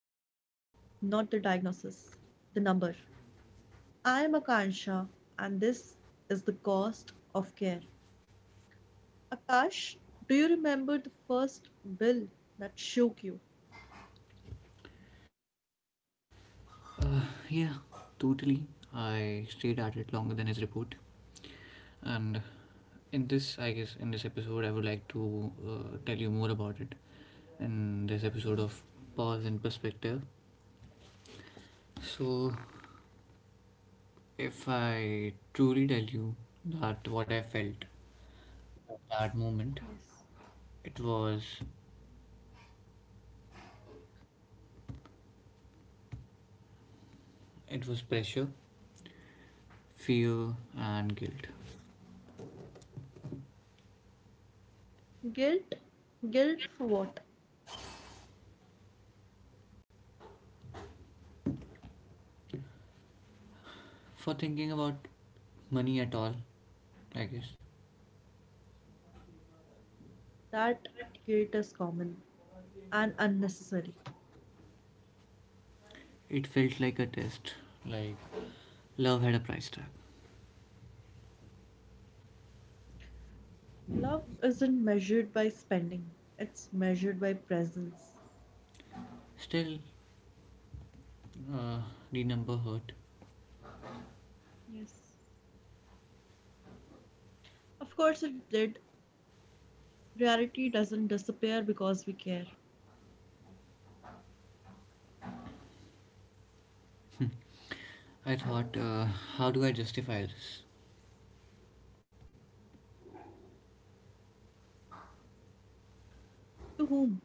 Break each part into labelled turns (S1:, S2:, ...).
S1: not the diagnosis, the number. I am Akansha and this is the cost of care. Akash, do you remember the first bill that shook you?
S2: Uh, yeah, totally. I stayed at it longer than his report. And in this episode, I would like to tell you more about it in this episode of Pause and Perspective. So, if I truly tell you that what I felt at that moment,
S1: Yes.
S2: it was it was pressure, fear, and guilt
S1: Guilt? Guilt for what?
S2: for thinking about money at all. I guess
S1: That guilt is common and unnecessary.
S2: it felt like a test, like love had a price tag.
S1: Love isn't measured by spending, it's measured by presence.
S2: Still, uh, the number hurt.
S1: Yes. Of course, it did. Reality doesn't disappear because we care.
S2: I thought, how do I justify this?
S1: To whom?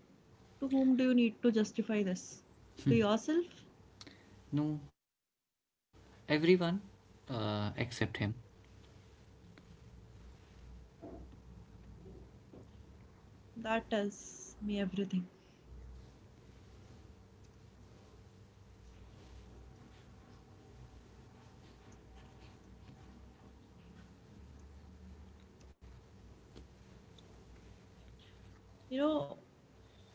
S1: To whom do you need to justify this? To yourself?
S2: No, everyone except him.
S1: That tells me everything. You know,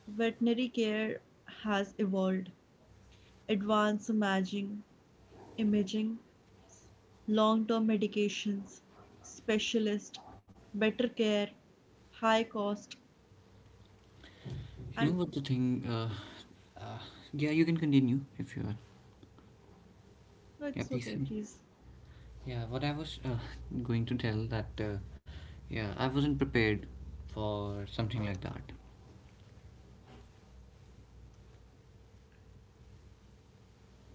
S1: veterinary care has evolved. Advanced imaging, imaging, long-term medications, specialist, better care, high cost,
S2: You know
S1: and
S2: what the thing? Uh, yeah, you can continue if you are.
S1: no,
S2: Yeah,
S1: it's
S2: please
S1: okay,
S2: say.
S1: please.
S2: Yeah, what I was going to tell that, yeah, I wasn't prepared for something like that.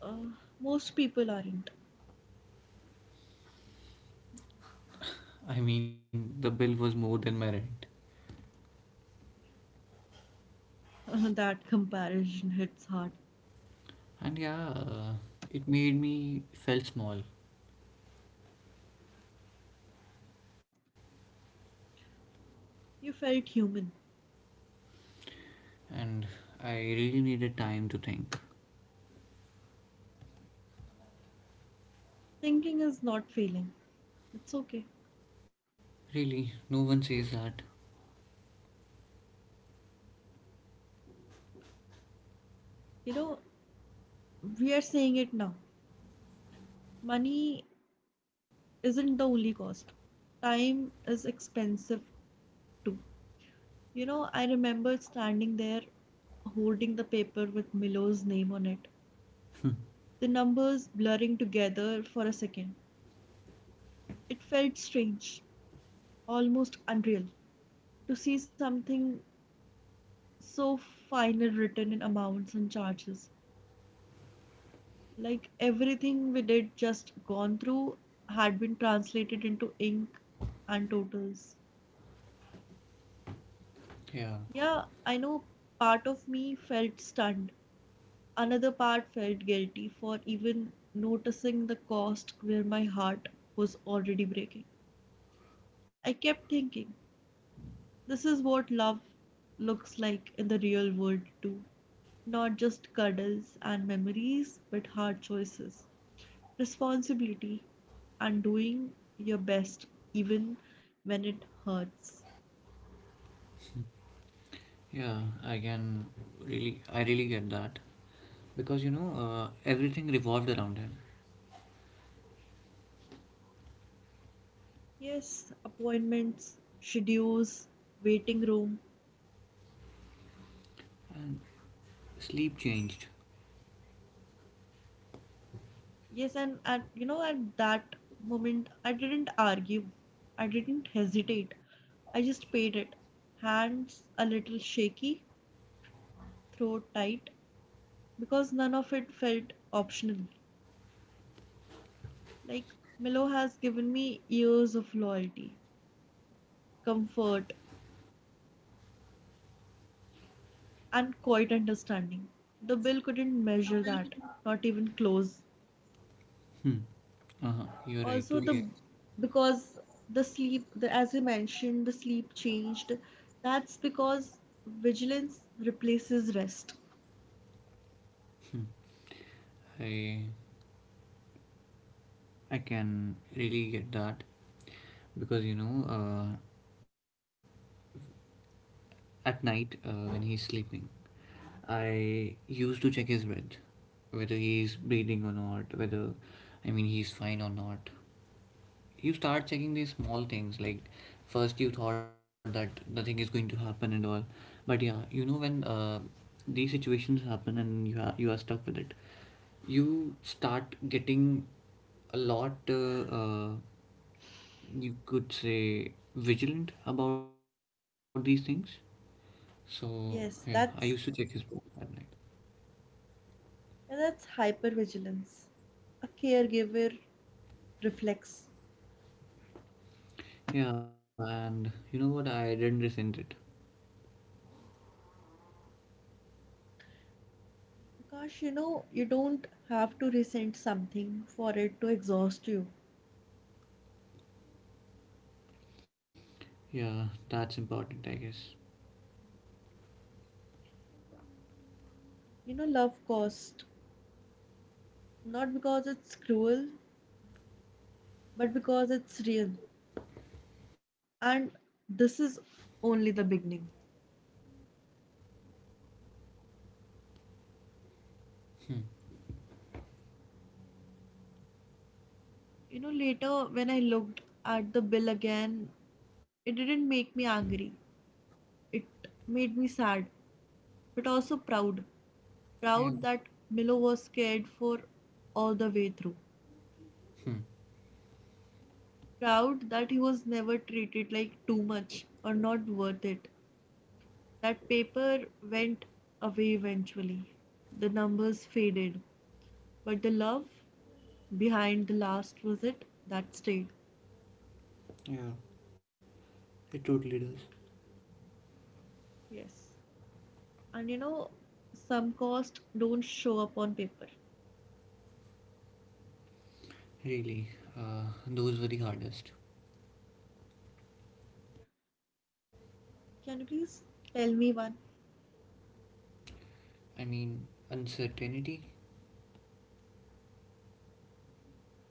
S1: Uh, Most people aren't.
S2: I mean, the bill was more than my rent.
S1: That comparison hits hard.
S2: And yeah, it made me felt small.
S1: You felt human.
S2: And I really needed time to think.
S1: Thinking is not failing. It's okay.
S2: Really, no one says that.
S1: You know, we are saying it now. Money isn't the only cost. Time is expensive too. You know, I remember standing there holding the paper with Milo's name on it, the numbers blurring together for a second. It felt strange, almost unreal, to see something so final written in amounts and charges. Like everything we did just gone through had been translated into ink and totals.
S2: Yeah,
S1: Yeah, I know part of me felt stunned. Another part felt guilty for even noticing the cost where my heart was already breaking. I kept thinking, this is what love looks like in the real world too. Not just cuddles and memories, but hard choices. Responsibility, and doing your best even when it hurts.
S2: yeah, I can really, I really get that because you know, everything revolved around him,
S1: Yes, appointments, schedules, waiting room.
S2: and sleep changed.
S1: Yes, and at you know at that moment I didn't argue. I didn't hesitate. I just paid it. Hands a little shaky, throat tight, because none of it felt optional. Like Milo has given me years of loyalty, comfort, and quite understanding. The bill couldn't measure that, not even close.
S2: Hmm. Uh huh. You're right.
S1: Also, the
S2: Totally.
S1: because the sleep, as you mentioned, the sleep changed. That's because vigilance replaces rest.
S2: I I can really get that because you know, at night, when he's sleeping, I used to check his breath, whether he's breathing or not, whether, I mean, he's fine or not. You start checking these small things, like first you thought that nothing is going to happen and all, but yeah, you know when these situations happen and you are stuck with it, you start getting a lot. You could say vigilant about these things, so yeah, I used
S1: Yes,
S2: to check his profile at night.
S1: that's hypervigilance. A caregiver reflects.
S2: Yeah, and you know what? I didn't resent it.
S1: Gosh, you know, you don't have to resent something for it to exhaust you.
S2: Yeah, that's important, I guess.
S1: You know, love cost not because it's cruel, but because it's real. And this is only the beginning. You know, later when I looked at the bill again, it didn't make me angry. It made me sad, but also proud.
S2: Yeah.
S1: Proud that Milo was cared for all the way through.
S2: Hmm.
S1: Proud that he was never treated like too much or not worth it. That paper went away eventually. The numbers faded, but the love behind the last visit that stayed.
S2: Yeah, it totally does.
S1: Yes. And you know, some costs don't show up on paper.
S2: Really, those were the hardest.
S1: Can you please tell me one?
S2: I mean, uncertainty.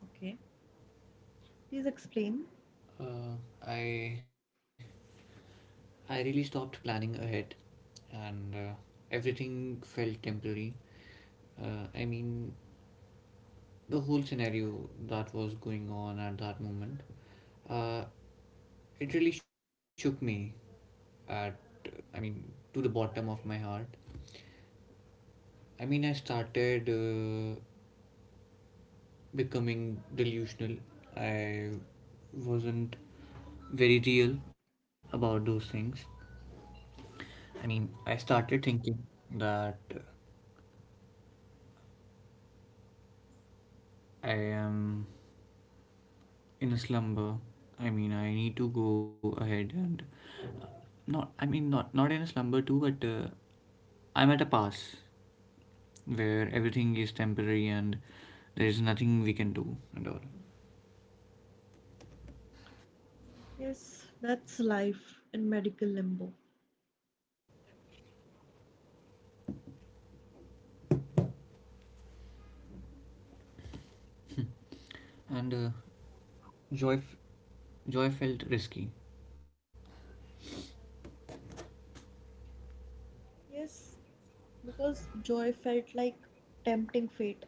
S1: Okay. Please explain.
S2: Uh, I I really stopped planning ahead, and everything felt temporary. I mean, the whole scenario that was going on at that moment. Uh, It really shook me at, I mean, to the bottom of my heart. I mean, I started becoming delusional. I wasn't very real about those things. I mean, I started thinking that I am in a slumber. I mean, I need to go ahead and uh, not. I mean, not in a slumber too, but I'm at a pass where everything is temporary and there is nothing we can do at all.
S1: Yes, that's life in medical limbo.
S2: And joy, joy felt risky.
S1: Yes, because joy felt like tempting fate.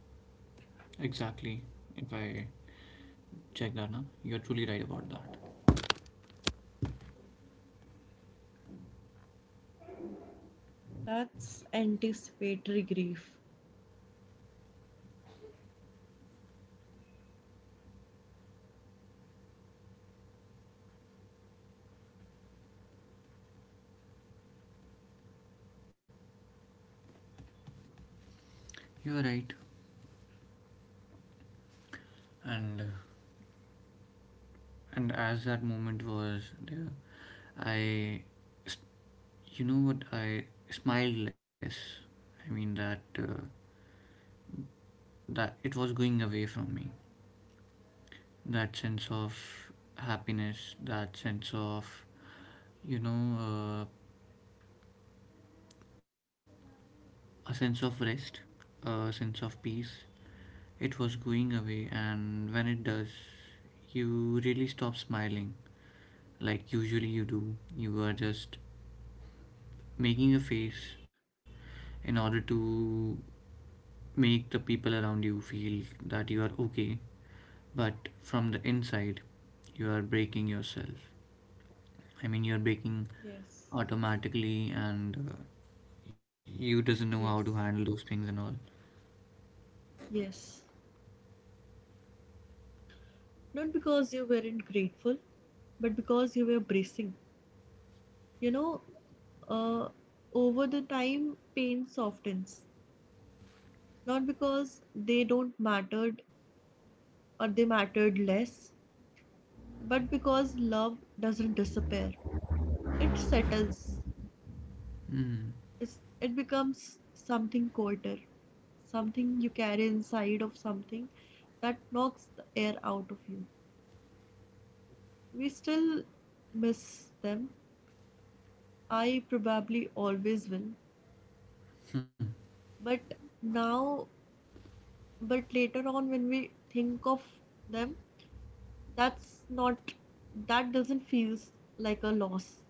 S2: Exactly. If I check that, na, you are truly right about that.
S1: That's anticipatory grief.
S2: You are right, and. And as that moment was there, I, s- you know what, I smiled less. I mean that that it was going away from me. That sense of happiness, that sense of you know a sense of rest, a sense of peace. It was going away, and when it does, you really stop smiling like usually you do. You are just making a face in order to make the people around you feel that you are okay, but from the inside, you are breaking yourself. I mean, you're breaking
S1: Yes,
S2: automatically, and you doesn't know
S1: yes,
S2: how to handle those things and all.
S1: yes. Not because you weren't grateful, but because you were bracing. You know, uh, over the time, pain softens. Not because they don't mattered or they mattered less, but because love doesn't disappear. It settles.
S2: Mm,
S1: It's, it becomes something quieter, something you carry inside of something that knocks the air out of you. We still miss them. I probably always will. But now, but later on, when we think of them, that's not, that doesn't feel like a loss.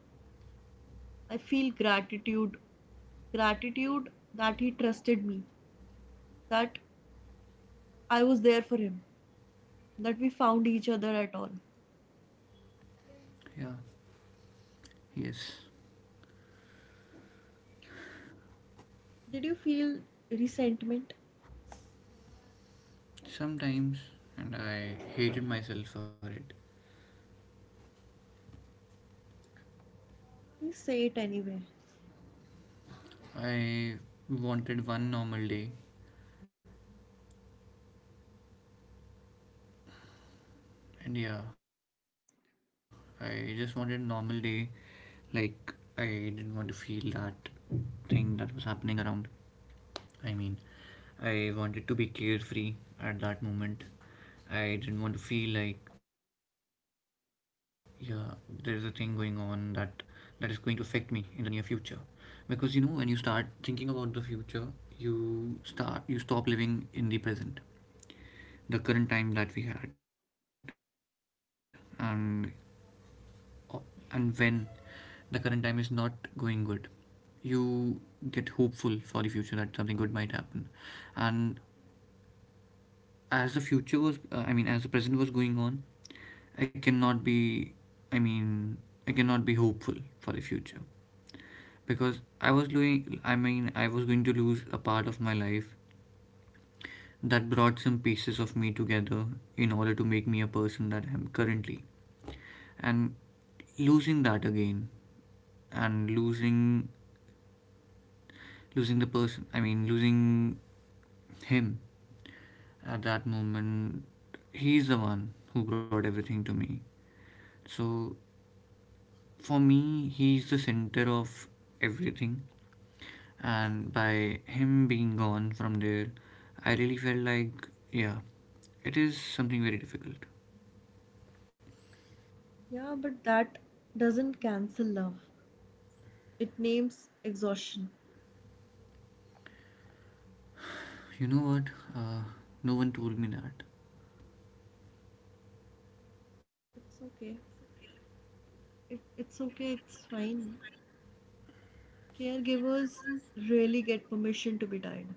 S1: I feel gratitude. Gratitude that he trusted me, that I was there for him, that we found each other at all.
S2: yeah, yes.
S1: Did you feel resentment?
S2: Sometimes, and I hated myself for it.
S1: Please say it anyway.
S2: I wanted one normal day. And yeah, I just wanted a normal day. Like, I didn't want to feel that thing that was happening around. I mean, I wanted to be carefree at that moment. I didn't want to feel like, yeah, there's a thing going on that is going to affect me in the near future. Because you know, when you start thinking about the future, you start you stop living in the present, the current time that we had, and and when the current time is not going good, you get hopeful for the future that something good might happen, and as the future was as the present was going on, i cannot be i mean I cannot be hopeful for the future, because I was doing I mean I was going to lose a part of my life that brought some pieces of me together in order to make me a person that I am currently, and losing that again, and losing losing the person I mean losing him at that moment. He's the one who brought everything to me, so for me he's the center of everything, and by him being gone from there, I really felt like, yeah, it is something very difficult.
S1: Yeah, but that doesn't cancel love. It names exhaustion.
S2: You know what? uh, no one told me that.
S1: It's okay. It's okay. It's fine. Caregivers really get permission to be tired.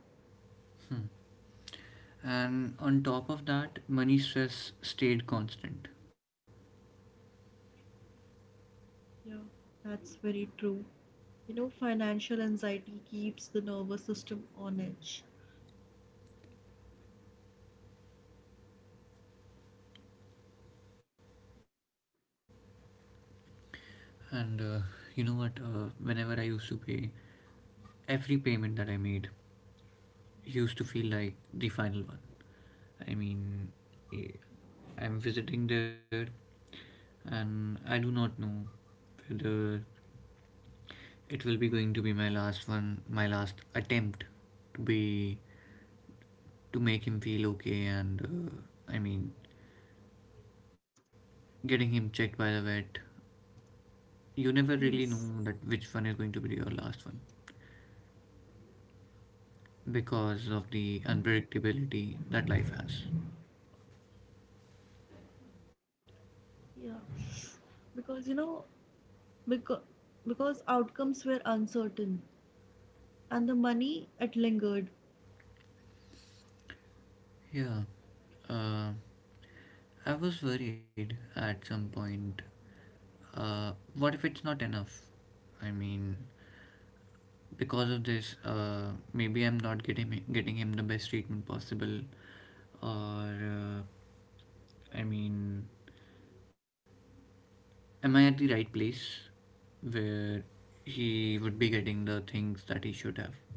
S2: And on top of that, money stress stayed constant.
S1: Yeah, that's very true. You know, financial anxiety keeps the nervous system on edge.
S2: And you know what? Whenever I used to pay, every payment that I made used to feel like the final one. I mean, eh, I'm visiting there, and I do not know whether it will be going to be my last one, my last attempt to be to make him feel okay and I mean, getting him checked by the vet. You never really
S1: Yes.
S2: know that which one is going to be your last one because of the unpredictability that life has.
S1: Yeah, because you know, because because outcomes were uncertain and the money it lingered.
S2: Yeah, uh, I was worried at some point. Uh, what if it's not enough? I mean, because of this, maybe I'm not getting him the best treatment possible, or I mean, am I at the right place where he would be getting the things that he should have?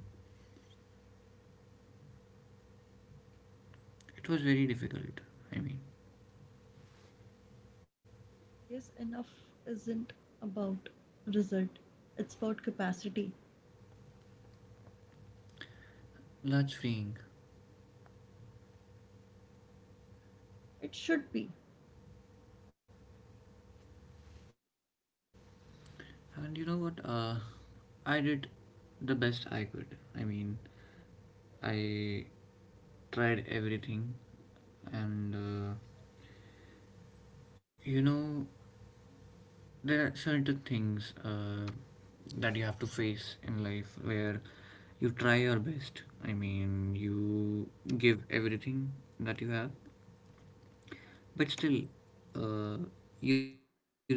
S2: It was very difficult. I mean,
S1: Yes, enough isn't about result. It's about capacity.
S2: large freeing.
S1: It should be.
S2: And you know what? I did the best I could. I mean, I tried everything, and you know, there are certain things that you have to face in life where you try your best. I mean, you give everything that you have, but still, uh, you do not get it.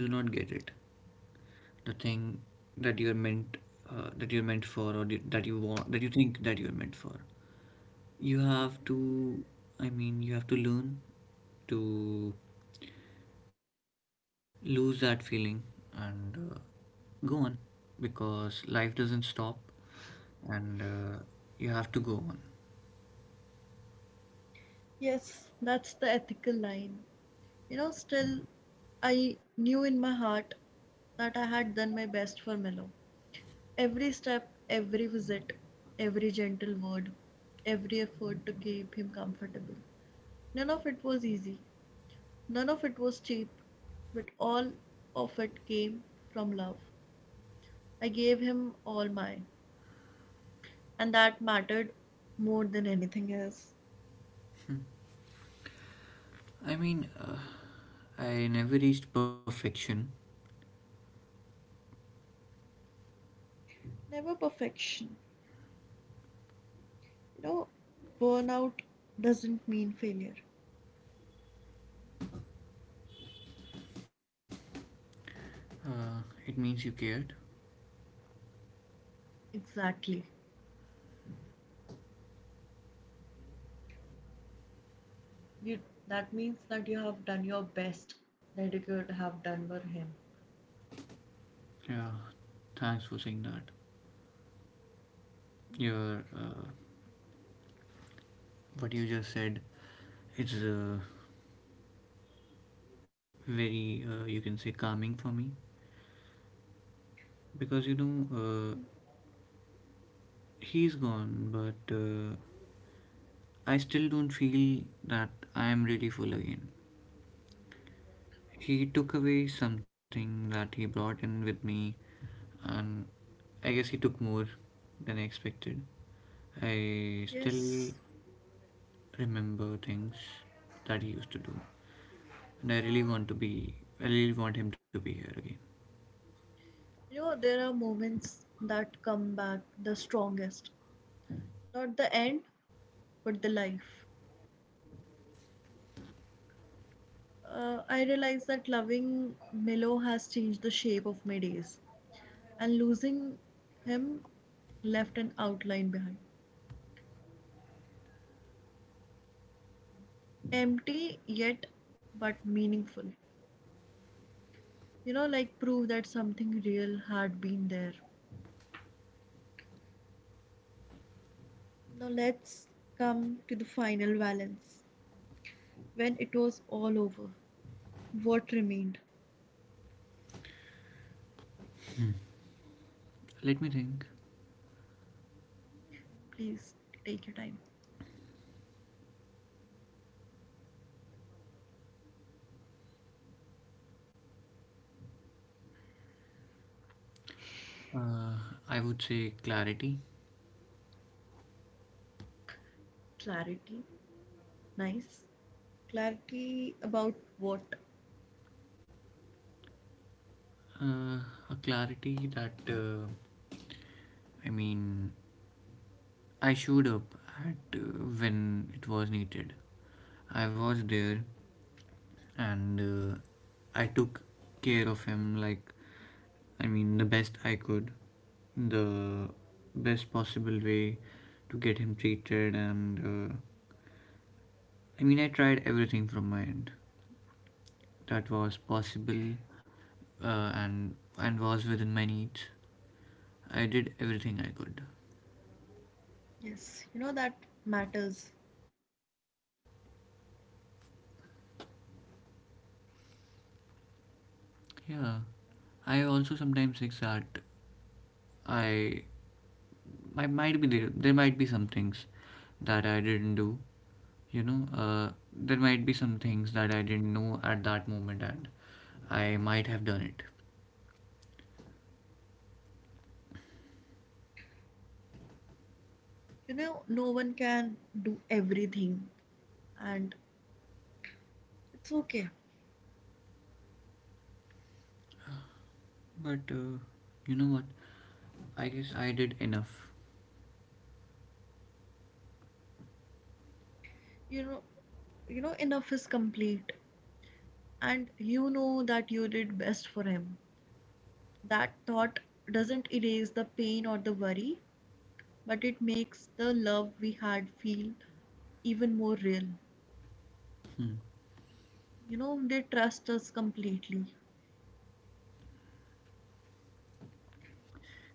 S2: The thing that you're meant that you're meant for, or that you want, that you think that you're meant for, you have to, you have to learn to lose that feeling, and go on because life doesn't stop, and you have to go on.
S1: Yes, that's the ethical line. You know, still I knew in my heart that I had done my best for Mello. Every step, every visit, every gentle word, every effort to keep him comfortable. None of it was easy, none of it was cheap, but all of it came from love. I gave him all mine, and that mattered more than anything else.
S2: I mean, I never reached perfection.
S1: Never perfection. You know, burnout doesn't mean failure.
S2: uh, it means you cared.
S1: Exactly. You, that means that you have done your best that you could have done for him.
S2: Yeah, thanks for saying that. You're What you just said is very, you can say, calming for me because you know, he's gone, but I still don't feel that I am really full again. He took away something that he brought in with me, and I guess he took more than I expected. I still
S1: Yes.
S2: remember things that he used to do, and I really want to be, I really want him to be here again.
S1: You know, there are moments that come back the strongest. Not the end, but the life. I realize that loving Milo has changed the shape of my days, and losing him left an outline behind. Empty yet but meaningful. You know, like proof that something real had been there. Now let's come to the final balance. When it was all over, what remained?
S2: Let me think.
S1: Please take your time.
S2: Uh, I would say clarity.
S1: Clarity. Nice. Clarity about what?
S2: Uh, a clarity that, I mean, I showed up at when it was needed. I was there, and I took care of him like, I mean, the best I could, the best possible way to get him treated. And I mean, I tried everything from my end that was possible, and was within my needs. I did everything I could.
S1: Yes, you know that matters.
S2: Yeah, I also sometimes think that I I might be there. There might be some things that I didn't do. You know, there might be some things that I didn't know at that moment, and I might have done it.
S1: You know no one can do everything and it's okay.
S2: But you know what? I guess I did enough.
S1: You know you know enough is complete and you know that you did best for him. That thought doesn't erase the pain or the worry, but it makes the love we had feel even more real.
S2: Hmm.
S1: You know they trust us completely.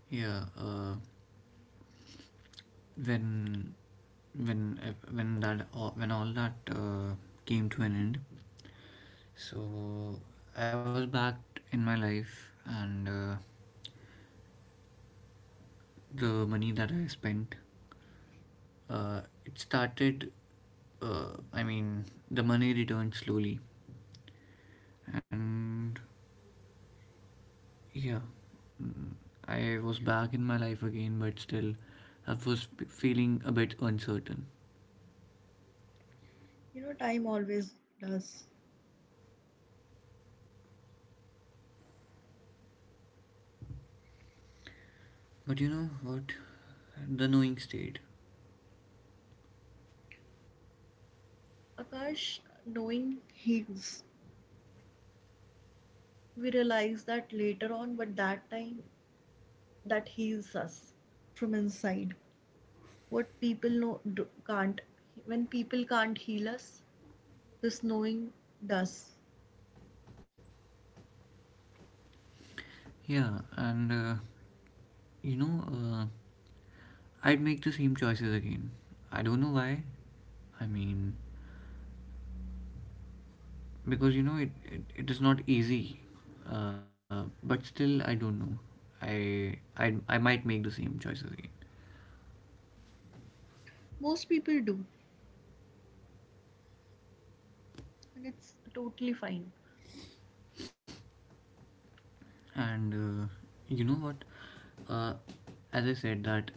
S2: Yeah. When when when that when all that came to an end, so I was back in my life, and the money that I spent. Uh, it started, I mean, the money returned slowly. And yeah, mm, I was back in my life again, but still, I was feeling a bit uncertain.
S1: You know time always does.
S2: But you know what? The knowing stayed.
S1: Akash, knowing heals. We realize that later on but that time that heals us from inside. What people know do, can't, when people can't heal us, this knowing does.
S2: Yeah, and you know, I'd make the same choices again. I don't know why. I mean, because you know it is not easy, but still I don't know, I might make the same choices again.
S1: Most people do, and it's totally fine.
S2: And you know what, uh, as I said that,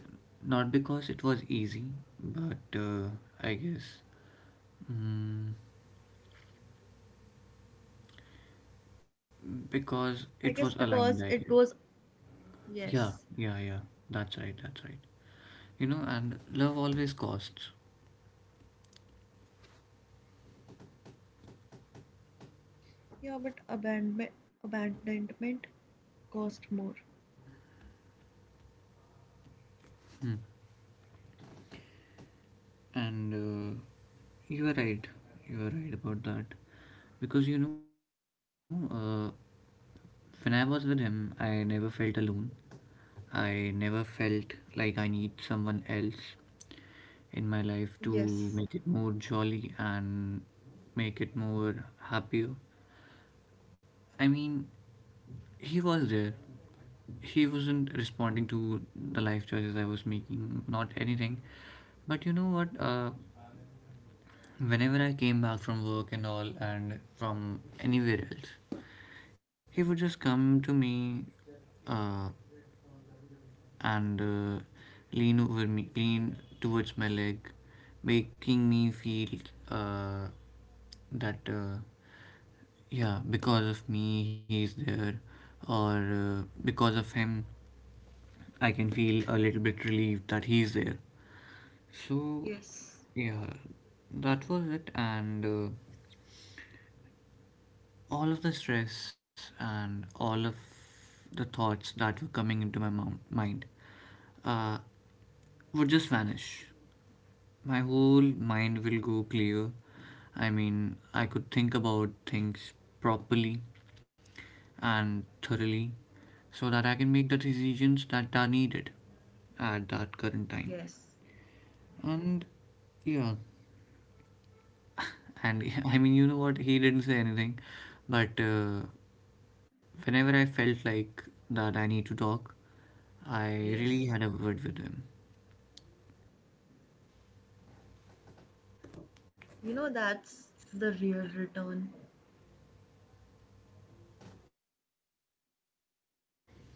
S2: not because it was easy, but I guess, mm, because
S1: I
S2: it
S1: guess
S2: was aligned,
S1: because
S2: I
S1: it
S2: guess.
S1: was
S2: yeah
S1: yes,
S2: yeah yeah That's right. You know, and love always costs.
S1: yeah, but abandonment, abandonment cost more.
S2: Hmm. And you are right, about that, because you know, when I was with him, I never felt alone. I never felt like I need someone else in my life to
S1: Yes,
S2: make it more jolly and make it more happier. I mean, he was there. He wasn't responding to the life choices I was making, not anything. But you know what? Whenever I came back from work and all, and from anywhere else, he would just come to me, uh, and lean over me, lean towards my leg, making me feel uh, that yeah, because of me he's there, or because of him I can feel a little bit relieved that he's there. So
S1: yes,
S2: yeah, that was it, and. All of the stress and all of the thoughts that were coming into my mind uh, would just vanish. My whole mind will go clear. I mean, I could think about things properly and thoroughly so that I can make the decisions that are needed at that current time.
S1: yes,
S2: And yeah, and I mean, you know what? He didn't say anything, but whenever I felt like that I need to talk, I really
S1: yes.
S2: had a word with him.
S1: You know that's the real return.
S2: Yeah,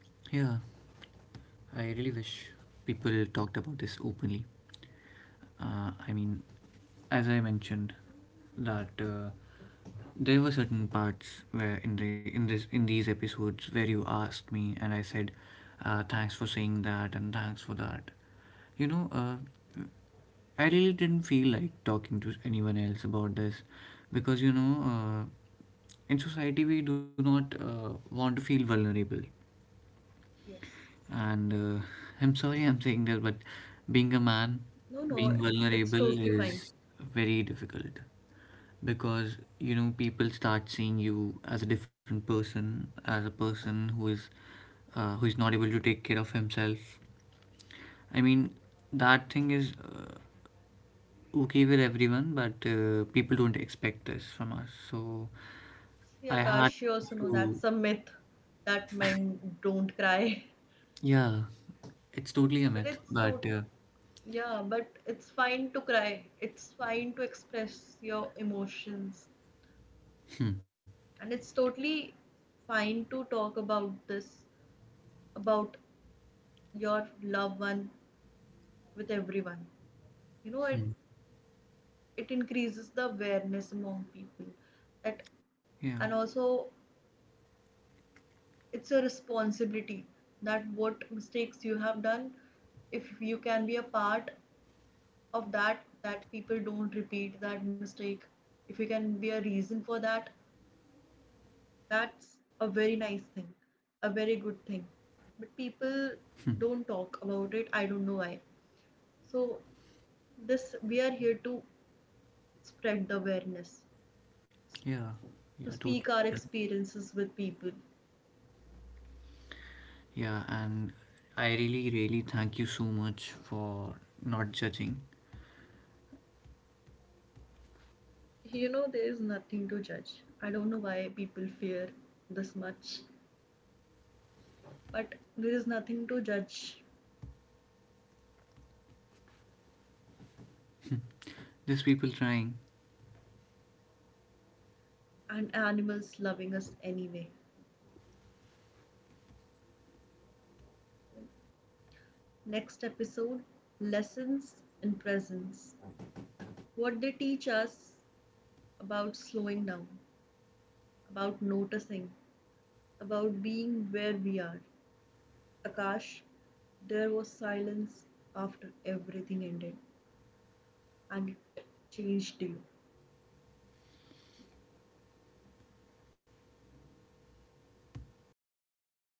S2: I really wish people talked about this openly. I mean, as I mentioned, that there were certain parts where in these episodes where you asked me and I said, "Thanks for saying that and thanks for that." You know, I really didn't feel like talking to anyone else about this because you know, in society we do not want to feel vulnerable,
S1: Yes.
S2: and I'm sorry I'm saying this, but being a man,
S1: No, no,
S2: being
S1: it's
S2: vulnerable
S1: totally fine.
S2: is very difficult because you know people start seeing you as a different person, as a person who is not able to take care of himself. I mean, that thing is okay with everyone, but people don't expect this from us. So
S1: See,
S2: I had
S1: Akash, you also know
S2: to,
S1: that's a myth that men don't cry.
S2: yeah, it's totally a
S1: But
S2: myth,
S1: it's
S2: but
S1: total, yeah, but it's fine to cry. It's fine to express your emotions. And it's totally fine to talk about this, about your loved one with everyone. You know, it increases the awareness among people that,
S2: yeah.
S1: and also it's a responsibility that what mistakes you have done, if you can be a part of that that people don't repeat that mistake, if you can be a reason for that, that's a very nice thing, a very good thing, but people don't talk about it. I don't know why. So this we are here to spread the awareness,
S2: Yeah, yeah,
S1: to speak
S2: totally.
S1: our experiences with people.
S2: Yeah, and I really, really thank you so much for not judging.
S1: You know there is nothing to judge. I don't know why people fear this much but there is nothing to judge.
S2: There's people trying.
S1: And animals loving us anyway. Next episode: Lessons in Presence. What they teach us about slowing down, about noticing, about being where we are. Akash, there was silence after everything ended, and it changed you.